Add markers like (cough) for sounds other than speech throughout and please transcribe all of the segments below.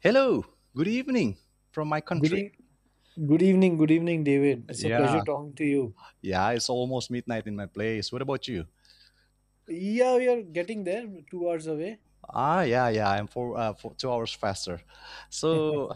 Hello, good evening from my Good, country. e- Good evening, good evening, David. It's a pleasure Yeah, talking to you. yeah, it's almost midnight in my place. What about you? Yeah, we are getting there, 2 hours away. Ah, yeah, yeah. I'm 2 hours faster. So,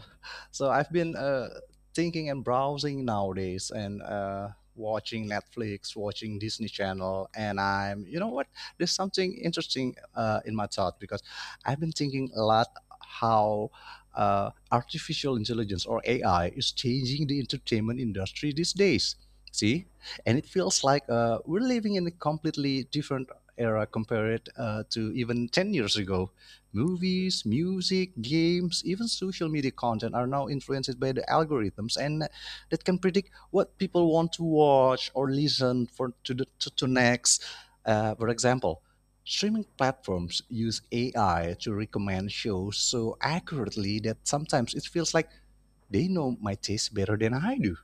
so, I've been thinking and browsing nowadays, and watching Netflix, watching Disney Channel, and I'm, you know what? There's something interesting in my thought because I've been thinking a lot how artificial intelligence or AI is changing the entertainment industry these days. See, and it feels like we're living in a completely different era compare it to even 10 years ago. Movies, music, games, even social media content are now influenced by the algorithms and that can predict what people want to watch or listen for to the, to next. For example, streaming platforms use AI to recommend shows so accurately that sometimes it feels like they know my taste better than I do.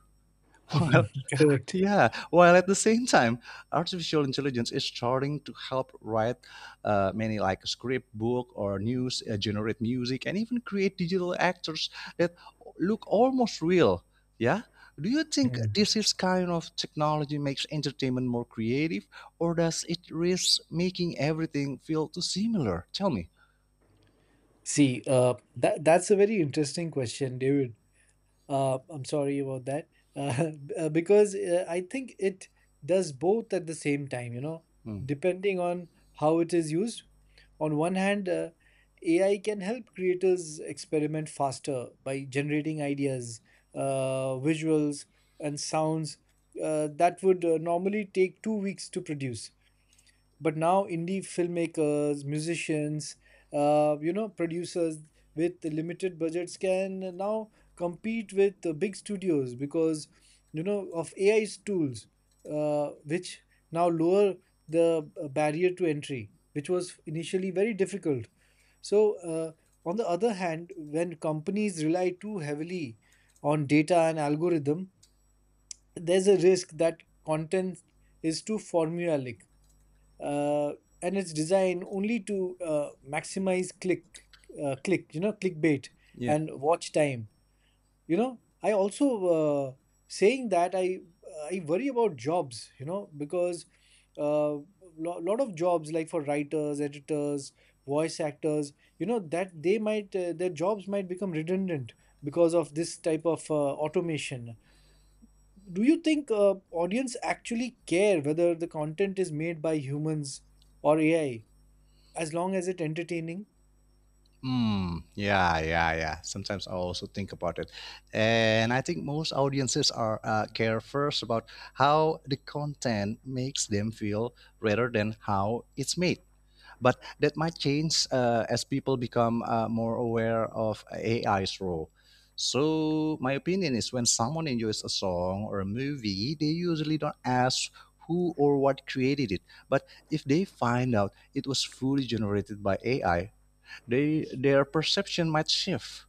(laughs) (laughs) Correct. Yeah, while at the same time, artificial intelligence is starting to help write many like script, book, or news, generate music, and even create digital actors that look almost real. Yeah, do you think Mm. this is kind of technology makes entertainment more creative, or does it risk making everything feel too similar? Tell me. See, that's a very interesting question, David. I'm sorry about that. Uh, (laughs) because I think it does both at the same time, you know, Hmm. depending on how it is used. On one hand, AI can help creators experiment faster by generating ideas, visuals, and sounds that would normally take 2 weeks to produce, but now indie filmmakers, musicians, you know, producers with the limited budgets can now compete with the big studios because, you know, of AI's tools, which now lower the barrier to entry, which was initially very difficult. so uh, on the other hand, when companies rely too heavily on data and algorithm, there's a risk that content is too formulaic, uh, and it's designed only to maximize click click, you know, clickbait Yeah. and watch time. You know, I also uh, saying that I worry about jobs, you know, because a lot of jobs like for writers, editors, voice actors, you know, that they might their jobs might become redundant because of this type of automation. Do you think audience actually care whether the content is made by humans or AI, as long as it's entertaining? Mm, yeah, yeah, yeah. Sometimes I also think about it, and I think most audiences are care first about how the content makes them feel rather than how it's made. But that might change as people become more aware of AI's role. So my opinion is when someone enjoys a song or a movie, they usually don't ask who or what created it, but if they find out it was fully generated by AI, they their perception might shift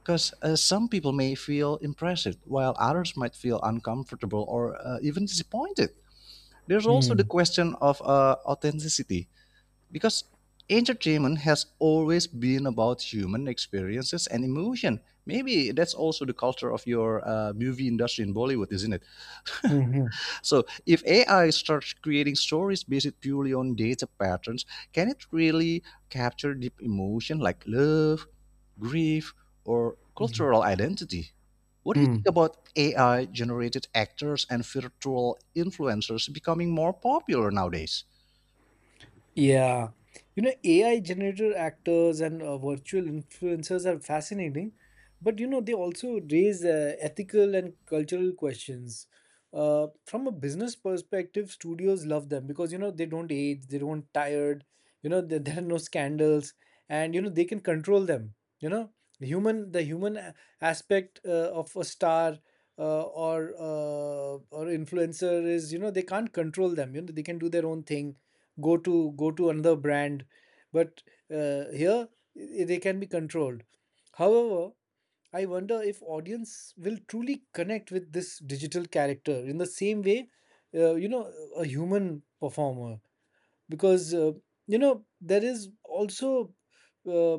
because some people may feel impressive while others might feel uncomfortable or even disappointed. There's also the Hmm. question of authenticity, because entertainment has always been about human experiences and emotion. Maybe that's also the culture of your movie industry in Bollywood, isn't it? Hmm. Hmm. So if AI starts creating stories based purely on data patterns, can it really capture deep emotion like love, grief, or Mhm. cultural identity? What do you think Hmm. about AI generated actors and virtual influencers becoming more popular nowadays? Yeah. You know, AI generated actors and virtual influencers are fascinating, but you know, they also raise ethical and cultural questions. From a business perspective, studios love them because, you know, they don't age, they don't tired, you know, there, (laughs) there are no scandals, and you know they can control them. You know, the human aspect of a star or influencer is, you know, they can't control them. You know, they can do their own thing, go to another brand. But here, they can be controlled. However, I wonder if audience will truly connect with this digital character in the same way you know, a human performer. Because you know, there is also uh,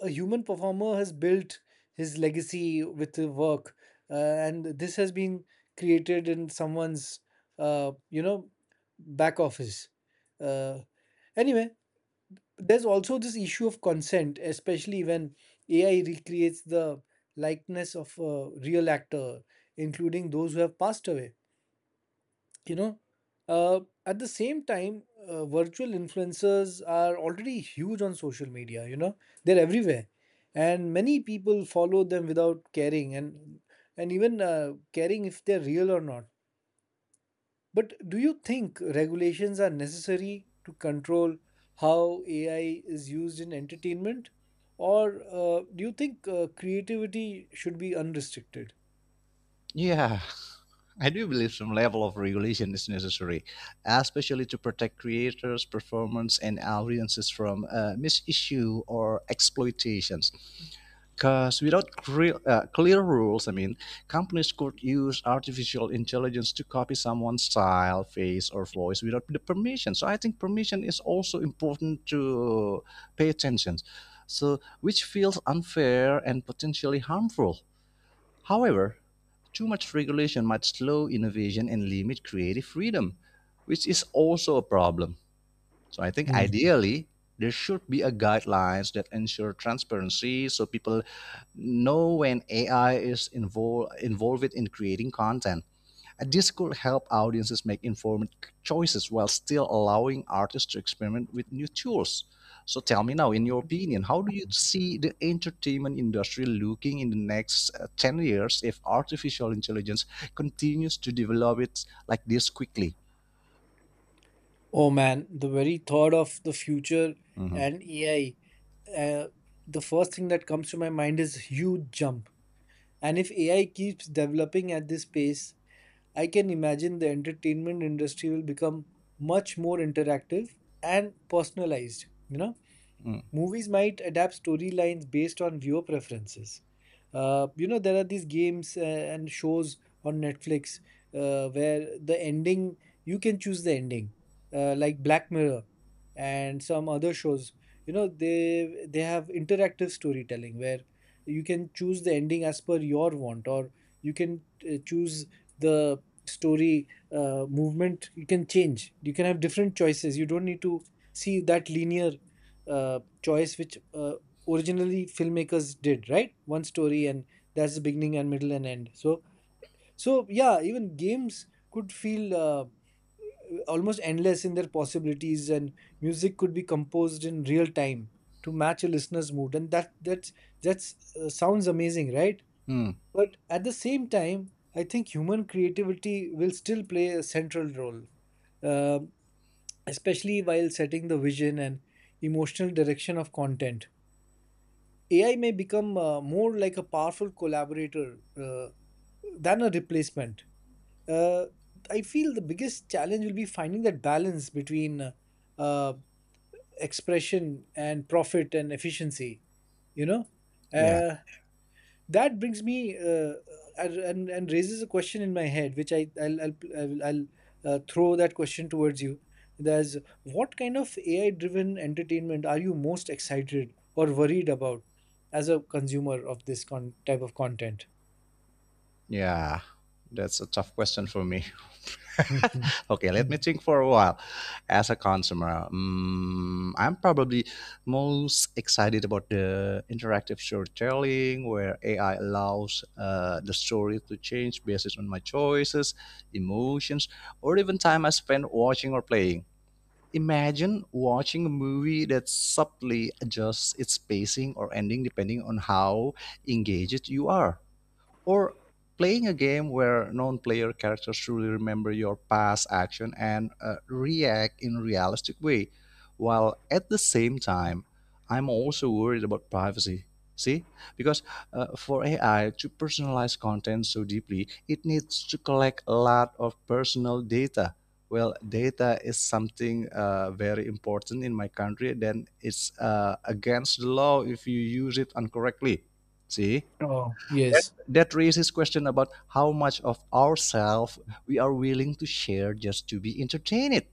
a human performer has built his legacy with the work, and this has been created in someone's you know, back office. uh, anyway, there's also this issue of consent, especially when AI recreates the likeness of a real actor, including those who have passed away, you know. uh, at the same time, virtual influencers are already huge on social media, you know, they're everywhere, and many people follow them without caring, and even caring if they're real or not. But do you think regulations are necessary to control how AI is used in entertainment, or do you think creativity should be unrestricted? Yeah, (laughs) I do believe some level of regulation is necessary, especially to protect creators, performers, and audiences from misissue or exploitation. Because without clear rules, I mean, companies could use artificial intelligence to copy someone's style, face, or voice without the permission. So I think permission is also important to pay attention. So which feels unfair and potentially harmful. However, too much regulation might slow innovation and limit creative freedom, which is also a problem. So I think ideally there should be a guidelines that ensure transparency so people know when AI is involved in creating content. And this could help audiences make informed choices while still allowing artists to experiment with new tools. So tell me now, in your opinion, how do you see the entertainment industry looking in the next 10 years if artificial intelligence continues to develop it like this quickly? Oh man, the very thought of the future Mhm. and AI, uh, the first thing that comes to my mind is huge jump. And if AI keeps developing at this pace, I can imagine the entertainment industry will become much more interactive and personalized, you know? Mm. Movies might adapt storylines based on viewer preferences. You know, there are these games and shows on Netflix where the ending, you can choose the ending, like Black Mirror and some other shows. You know, they have interactive storytelling where you can choose the ending as per your want, or you can choose the story movement. You can change. You can have different choices. You don't need to see that linear uh, choice which originally filmmakers did, right? One story, and that's the beginning and middle and end. Yeah, even games could feel almost endless in their possibilities, and music could be composed in real time to match a listener's mood, and that's sounds amazing, right? Mm. But at the same time, I think human creativity will still play a central role, um, especially while setting the vision and emotional direction of content. AI may become more like a powerful collaborator than a replacement. Uh, I feel the biggest challenge will be finding that balance between uh, expression and profit and efficiency. You know, Yeah. uh, that brings me uh, and raises a question in my head, which I I'll throw that question towards you. There's What kind of AI driven entertainment are you most excited or worried about as a consumer of this type of content? (laughs) Yeah, that's a tough question for me. Mhm. (laughs) Okay, let Mm. me think for a while. As a consumer, I'm probably most excited about the interactive storytelling where AI allows the story to change based on my choices, emotions, or even time I spend watching or playing. Imagine watching a movie that subtly adjusts its pacing or ending depending on how engaged you are, or playing a game where non-player characters truly remember your past action and react in a realistic way. While at the same time, I'm also worried about privacy. See, because for AI to personalize content so deeply, it needs to collect a lot of personal data. Well, data is something very important in my country, then it's against the law if you use it incorrectly. See, Oh that yes. that raises question about how much of ourselves we are willing to share just to be entertained.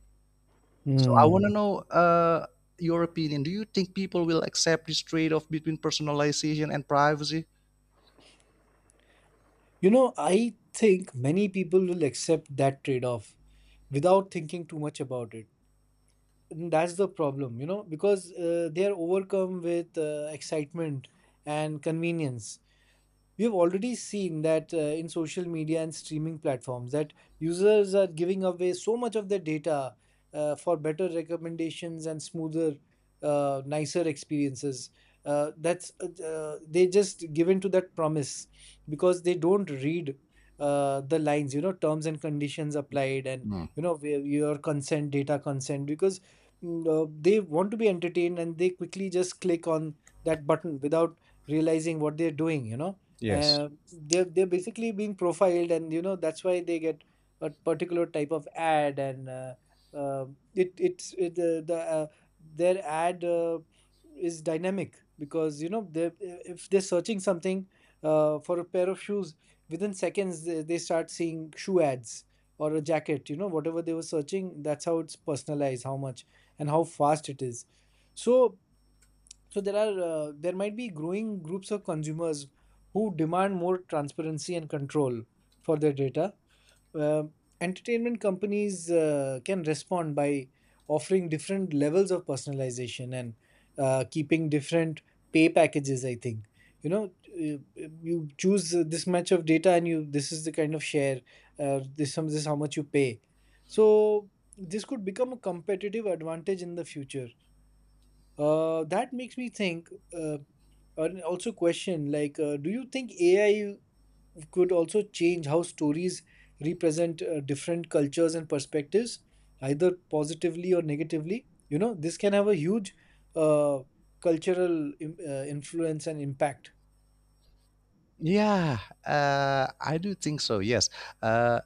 So I Hmm. want to know your opinion. Do you think people will accept this trade-off between personalization and privacy? You know, I think many people will accept that trade off without thinking too much about it. That's the problem, you know, because they are overcome with excitement and convenience. We have already seen that in social media and streaming platforms, that users are giving away so much of their data for better recommendations and smoother, nicer experiences. That's They just give in to that promise because they don't read the lines, you know, terms and conditions applied, and Hmm. you know where your consent, data consent, because they want to be entertained and they quickly just click on that button without realizing what they're doing. You know, Yes. They're basically being profiled, and you know that's why they get a particular type of ad, and uh, it it's it, the their ad is dynamic, because you know, they if they're searching something, for a pair of shoes, within seconds they start seeing shoe ads, or a jacket, you know, whatever they were searching. That's how it's personalized, how much and how fast it is. so there are there might be growing groups of consumers who demand more transparency and control for their data. Uh, Entertainment companies can respond by offering different levels of personalization and keeping different pay packages. I think, you know, uh, you choose this much of data, and you, this is the kind of share, this is how much you pay. So this could become a competitive advantage in the future. That makes me think. Uh, And also question, like, do you think AI could also change how stories represent different cultures and perspectives, either positively or negatively? You know, this can have a huge uh, cultural influence and impact. Yeah, I do think so. Yes, uh,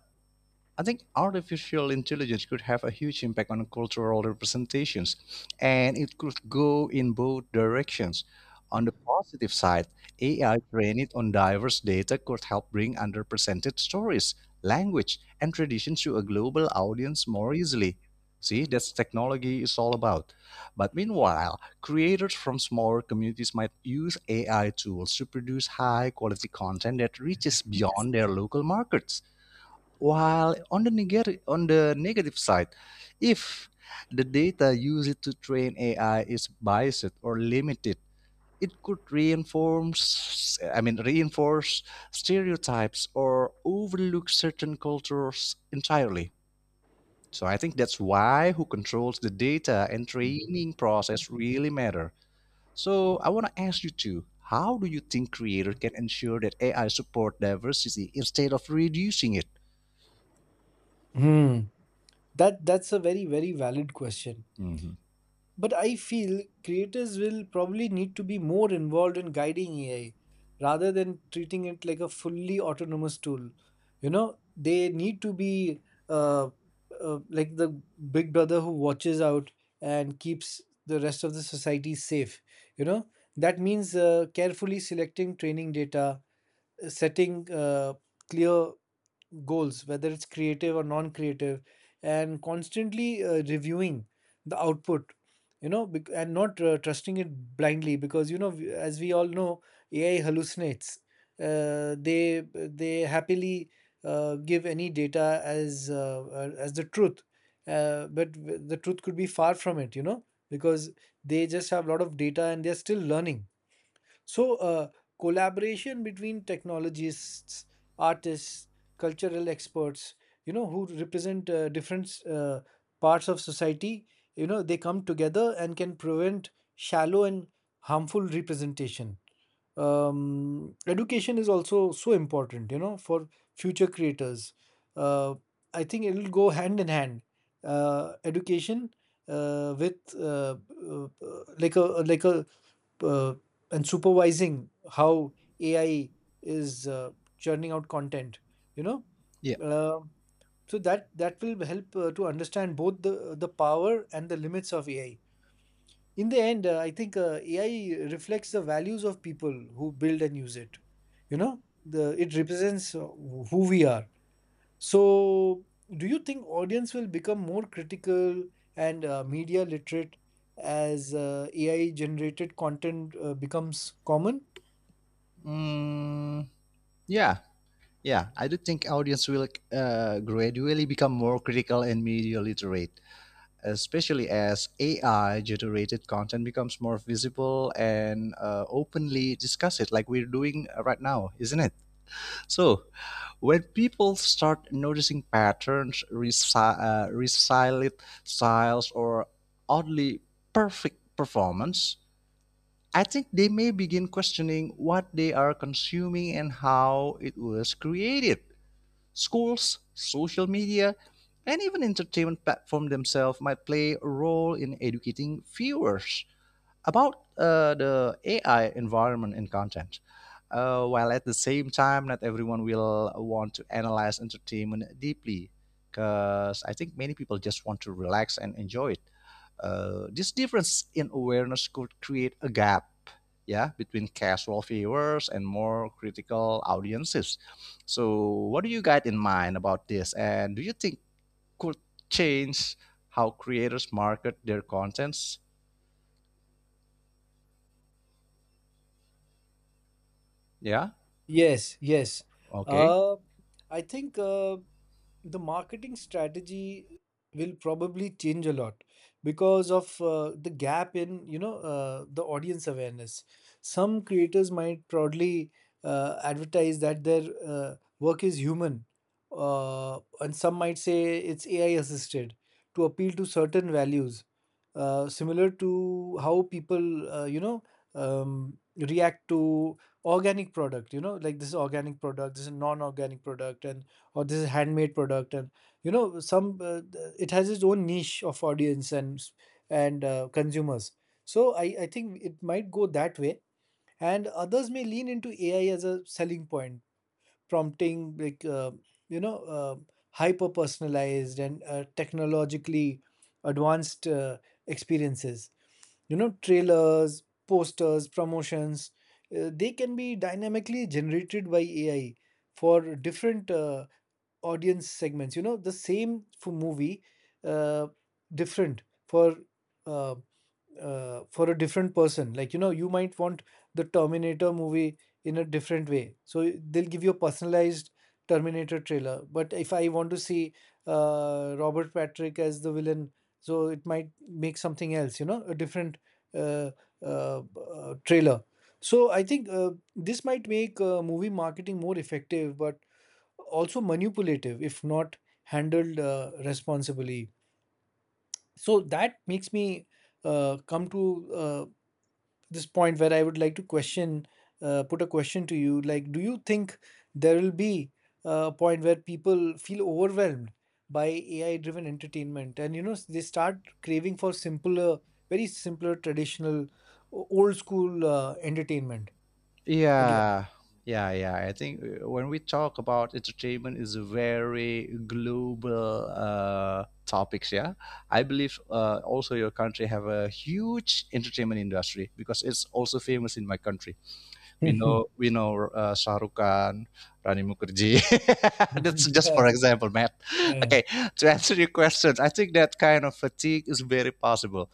I think artificial intelligence could have a huge impact on cultural representations, and it could go in both directions. On the positive side, AI trained on diverse data could help bring underrepresented stories, language, and traditions to a global audience more easily. See, that's technology is all about. But meanwhile, creators from smaller communities might use AI tools to produce high quality content that reaches beyond their local markets. While on the negative side, if the data used to train AI is biased or limited, it could reinforce, I mean, reinforce stereotypes or overlook certain cultures entirely. So I think that's why who controls the data and training process really matter. So I want to ask you too, how do you think creator can ensure that AI support diversity instead of reducing it? Hmm. That's a very very valid question. Mhm. But I feel creators will probably need to be more involved in guiding AI rather than treating it like a fully autonomous tool. You know, they need to be uh, like the big brother who watches out and keeps the rest of the society safe. You know, that means carefully selecting training data, setting clear goals, whether it's creative or non creative, and constantly reviewing the output, you know, and not trusting it blindly, because, you know, as we all know, AI hallucinates. They happily give any data as the truth, but the truth could be far from it, you know, because they just have a lot of data and they're still learning. So, collaboration between technologists, artists, cultural experts, you know, who represent different parts of society, you know, they come together and can prevent shallow and harmful representation. Education is also so important, you know, for future creators. Uh, I think it'll go hand in hand. Education with uh, like a uh, and supervising how AI is churning out content. You know, Yeah. uh, so that that will help to understand both the power and the limits of AI. In the end, I think AI reflects the values of people who build and use it. You know, the it represents who we are. So, do you think audience will become more critical and media literate as AI generated content becomes common? Mm, yeah, yeah. I do think audience will gradually become more critical and media literate, especially as AI-generated content becomes more visible and openly discussed, like we're doing right now, isn't it? So when people start noticing patterns, resilient styles, or oddly perfect performance, I think they may begin questioning what they are consuming and how it was created. Schools, social media, and even entertainment platforms themselves might play a role in educating viewers about the AI environment and content. While at the same time, not everyone will want to analyze entertainment deeply because I think many people just want to relax and enjoy it. This difference in awareness could create a gap, yeah, between casual viewers and more critical audiences. So what do you got in mind about this, and do you think could change how creators market their contents? Yeah. Yes, yes. Okay. Uh, I think the marketing strategy will probably change a lot because of the gap in, you know, the audience awareness. Some creators might proudly advertise that their work is human, and some might say it's AI assisted to appeal to certain values similar to how people react to organic product, you know, like this is organic product, this is non-organic product, and or this is handmade product and you know some it has its own niche of audience and and consumers. So I think it might go that way, and others may lean into AI as a selling point, prompting like you know uh, hyper personalized and technologically advanced experiences. You know, trailers, posters, promotions, they can be dynamically generated by AI for different audience segments. You know, the same for movie, uh, different uh, for a different person. Like, you know, you might want the Terminator movie in a different way. So they'll give you a personalized Terminator trailer. But if I want to see Robert Patrick as the villain, so it might make something else, you know, a different uh, uh, trailer. So I think this might make movie marketing more effective, but also manipulative if not handled responsibly. So that makes me come to this point where I would like to question, put a question to you. Like, do you think there will be a point where people feel overwhelmed by AI-driven entertainment, and they start craving for simpler, very simpler, traditional, old school entertainment again? Yeah, yeah, yeah, I think when we talk about entertainment is a very global topics, yeah. I believe also your country have a huge entertainment industry because it's also famous in my country. We (laughs) Yeah. know we know Shah Rukh Khan, Rani Mukherjee. (laughs) That's just for example, Matt. Yeah. Okay, to answer your questions, I think that kind of fatigue is very possible,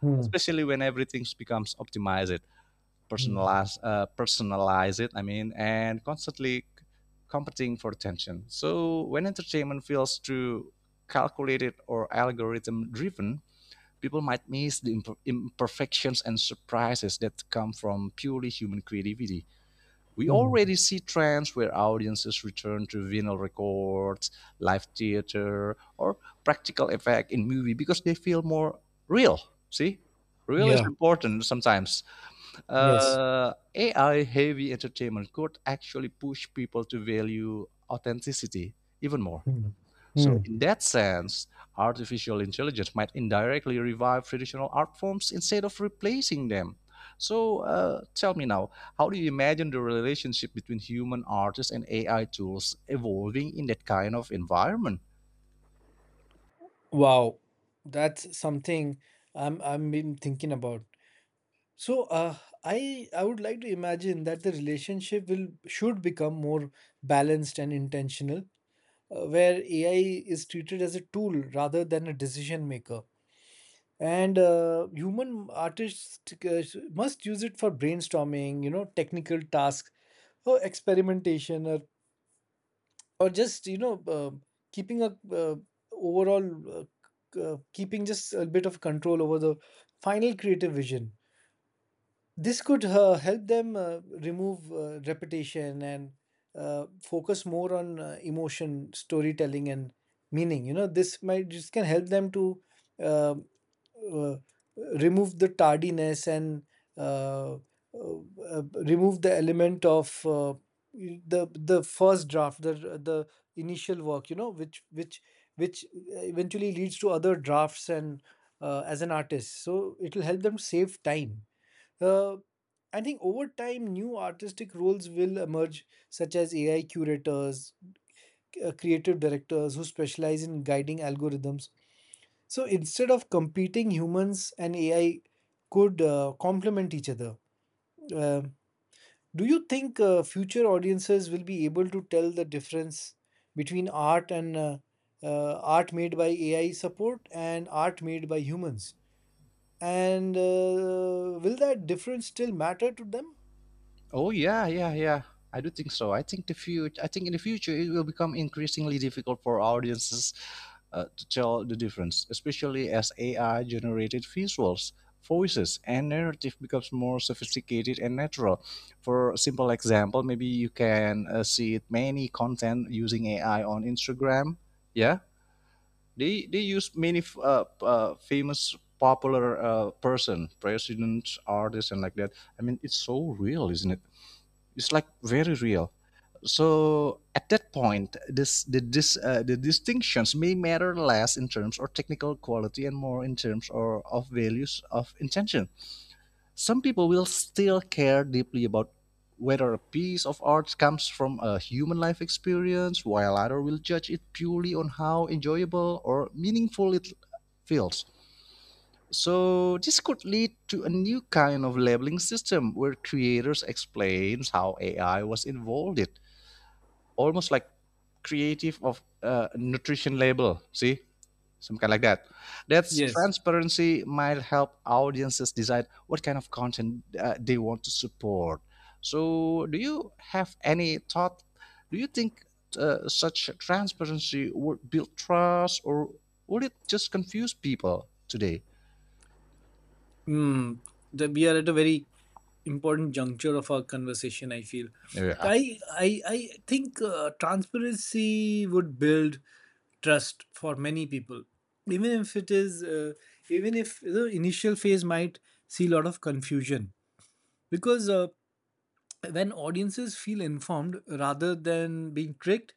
Hmm. especially when everything becomes optimized, Hmm. personalized, personalize it. I mean, and constantly competing for attention. So when entertainment feels too calculated or algorithm driven, people might miss the imperfections and surprises that come from purely human creativity. We Hmm. already see trends where audiences return to vinyl records, live theater, or practical effect in movie because they feel more real. See, real is Yeah. important sometimes. Yes. AI heavy entertainment could actually push people to value authenticity even more. Hmm. So, Hmm. in that sense, artificial intelligence might indirectly revive traditional art forms instead of replacing them. So, tell me now, how do you imagine the relationship between human artists and AI tools evolving in that kind of environment? Wow, that's something I'm been thinking about. So I would like to imagine that the relationship will should become more balanced and intentional, where AI is treated as a tool rather than a decision maker, and human artists must use it for brainstorming, you know, technical tasks or experimentation or just keeping a overall uh, keeping just a bit of control over the final creative vision. This could help them remove repetition and focus more on emotion, storytelling, and meaning. You know, this might just can help them to uh, uh, remove the tardiness and uh, uh, uh, remove the element of the first draft, the initial work, you know, which which eventually leads to other drafts and as an artist, so it will help them save time. uh, I think over time, new artistic roles will emerge, such as AI curators, creative directors who specialize in guiding algorithms. So instead of competing, humans and AI could complement each other. Uh, do you think future audiences will be able to tell the difference between art made by AI support and art made by humans? And will that difference still matter to them? Oh yeah, yeah, yeah. I do think so. I think the future. I think in the future it will become increasingly difficult for audiences to tell the difference, especially as AI generated visuals, voices, and narrative becomes more sophisticated and natural. For a simple example, maybe you can see many content using AI on Instagram. Yeah, they use many famous popular person, presidents, artists, and like that. I mean, it's so real, isn't it? It's like very real. So at that point, this the distinctions may matter less in terms of technical quality and more in terms or of values of intention. Some people will still care deeply about whether a piece of art comes from a human life experience while others will judge it purely on how enjoyable or meaningful it feels. So this could lead to a new kind of labeling system where creators explains how AI was involved it, almost like creative of nutrition label, see? Some kind like that. That's Yes. transparency might help audiences decide what kind of content they want to support. So do you have any thought? Do you think such transparency would build trust or would it just confuse people today? Mm, we are at a very important juncture of our conversation. I feel. Yeah. I think transparency would build trust for many people, even if it is even if the initial phase might see a lot of confusion, because when audiences feel informed rather than being tricked,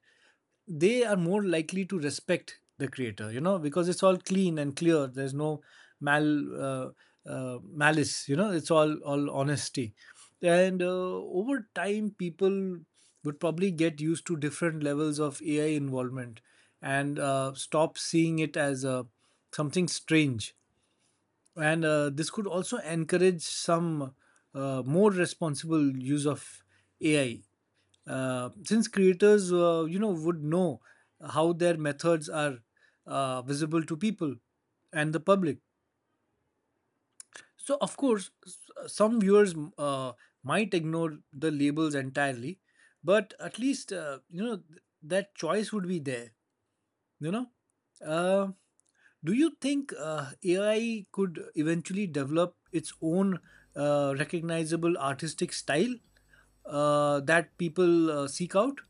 they are more likely to respect the creator, you know, because it's all clean and clear. There's no mal uh, malice, you know, it's all honesty. And over time, people would probably get used to different levels of AI involvement and stop seeing it as a something strange. And this could also encourage some more responsible use of AI, since creators you know would know how their methods are visible to people and the public. So of course some viewers might ignore the labels entirely, but at least you know that choice would be there, you know. uh, do you think AI could eventually develop its own recognizable artistic style that people seek out?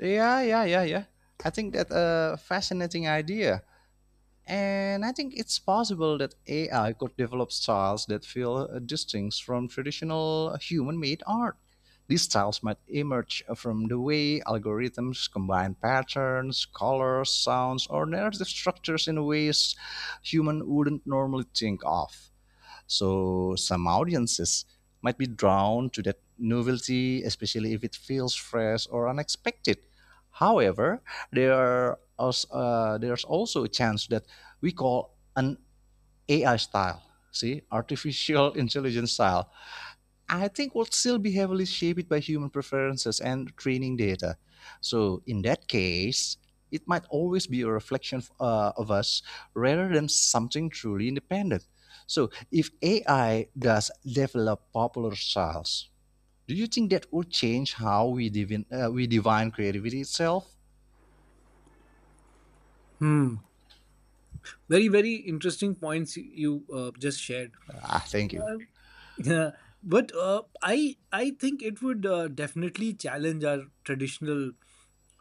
Yeah, yeah, yeah, yeah. I think that's a fascinating idea. And I think it's possible that AI could develop styles that feel distinct from traditional human made art. These styles might emerge from the way algorithms combine patterns, colors, sounds, or narrative structures in ways human wouldn't normally think of. So some audiences might be drawn to that novelty, especially if it feels fresh or unexpected. However, there's also a chance that we call an AI style, see, artificial (laughs) intelligence style, I think will still be heavily shaped by human preferences and training data. So, in that case, it might always be a reflection of us rather than something truly independent. So, if AI does develop popular styles, do you think that would change how we divine creativity itself? Hmm. Very, very interesting points you just shared. Ah, thank you. Um, (laughs) yeah, but I think it would definitely challenge our traditional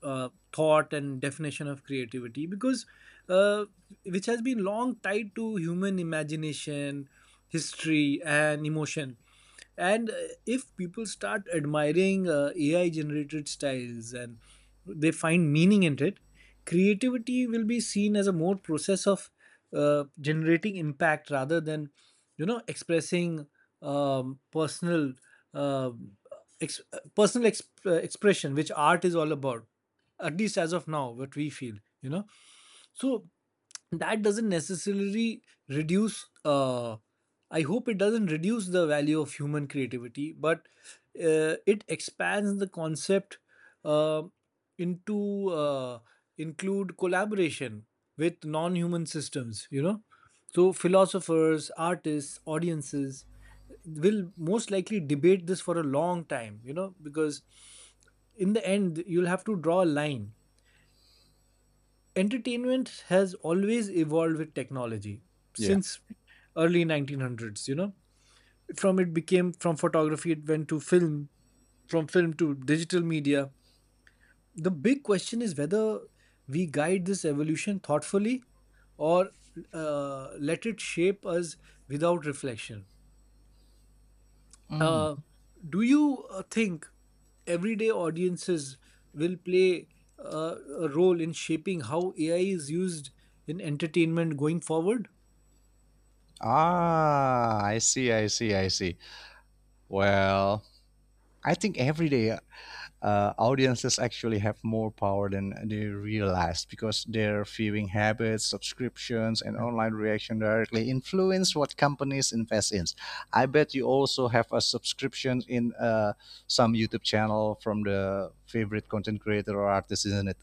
thought and definition of creativity, because uh, which has been long tied to human imagination, history, and emotion. And if people start admiring AI generated styles and they find meaning in it, creativity will be seen as a more process of generating impact rather than, you know, expressing personal uh, ex- personal expression, which art is all about, at least as of now what we feel, you know. So that doesn't necessarily reduce I hope it doesn't reduce the value of human creativity, but it expands the concept uh, into include collaboration with non-human systems, you know. So philosophers, artists, audiences will most likely debate this for a long time, you know, because in the end you'll have to draw a line. Entertainment has always evolved with technology Yeah. since early 1900s, you know. From it became from photography, it went to film, from film to digital media. The big question is whether we guide this evolution thoughtfully or let it shape us without reflection. Mm. Uh, do you think everyday audiences will play a role in shaping how AI is used in entertainment going forward? Ah, I see, I see, I see. Well, I think every day audiences actually have more power than they realize because their viewing habits, subscriptions, and online reaction directly influence what companies invest in. I bet you also have a subscription in some YouTube channel from the favorite content creator or artist, isn't it?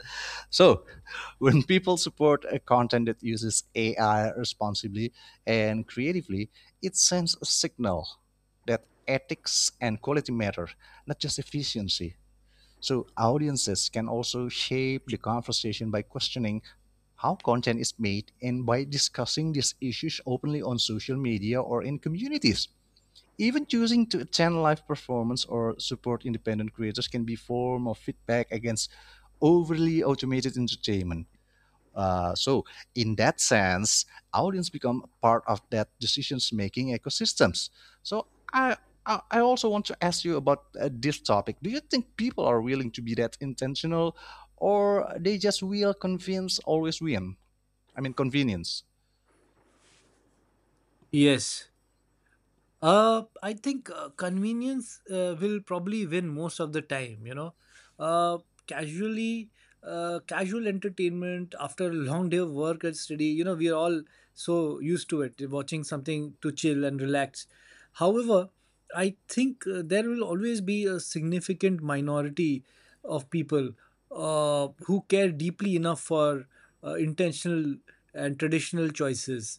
So, (laughs) when people support a content that uses AI responsibly and creatively, it sends a signal that ethics and quality matter, not just efficiency. So, audiences can also shape the conversation by questioning how content is made and by discussing these issues openly on social media or in communities. Even choosing to attend live performance or support independent creators can be form of feedback against overly automated entertainment. So in that sense, audience become part of that decisions making ecosystems. So I, I also want to ask you about this topic. Do you think people are willing to be that intentional, or they just will convince always win? I mean convenience. Yes. I think convenience will probably win most of the time. You know, uh, casually, casual entertainment after a long day of work and study. You know, we are all so used to it, watching something to chill and relax. However, I think there will always be a significant minority of people who care deeply enough for intentional and traditional choices,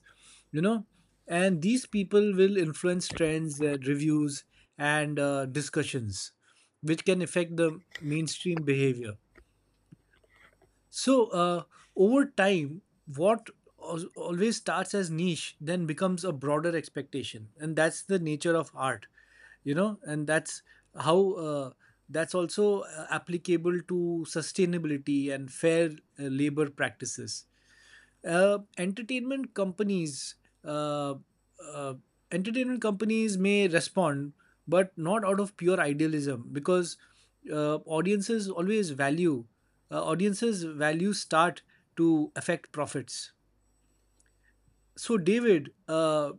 you know. And these people will influence trends, reviews, and discussions, which can affect the mainstream behavior. So over time, what always starts as niche then becomes a broader expectation, and that's the nature of art, you know. And that's how that's also applicable to sustainability and fair labor practices. uh, entertainment companies uh, uh, Entertainment companies may respond, but not out of pure idealism, because uh, audiences always value audiences value start to affect profits. So, David,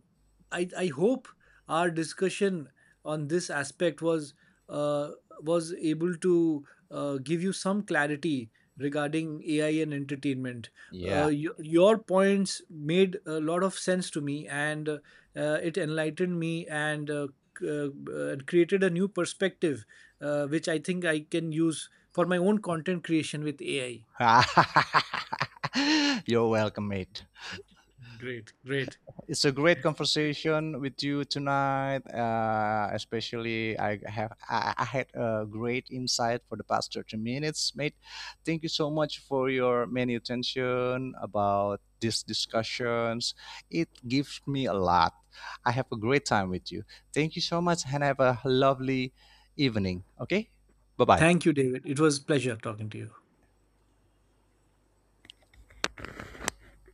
I hope our discussion on this aspect uh, was able to give you some clarity regarding AI and entertainment. Yeah. Your points made a lot of sense to me, and it enlightened me, and and created a new perspective, which I think I can use for my own content creation with AI. (laughs) You're welcome, mate. Great, great. It's a great conversation with you tonight. Especially, I had a great insight for the past 30 minutes, mate. Thank you so much for your many attention about these discussions. It gives me a lot. I have a great time with you. Thank you so much, and have a lovely evening. Okay, bye bye. Thank you, David. It was a pleasure talking to you.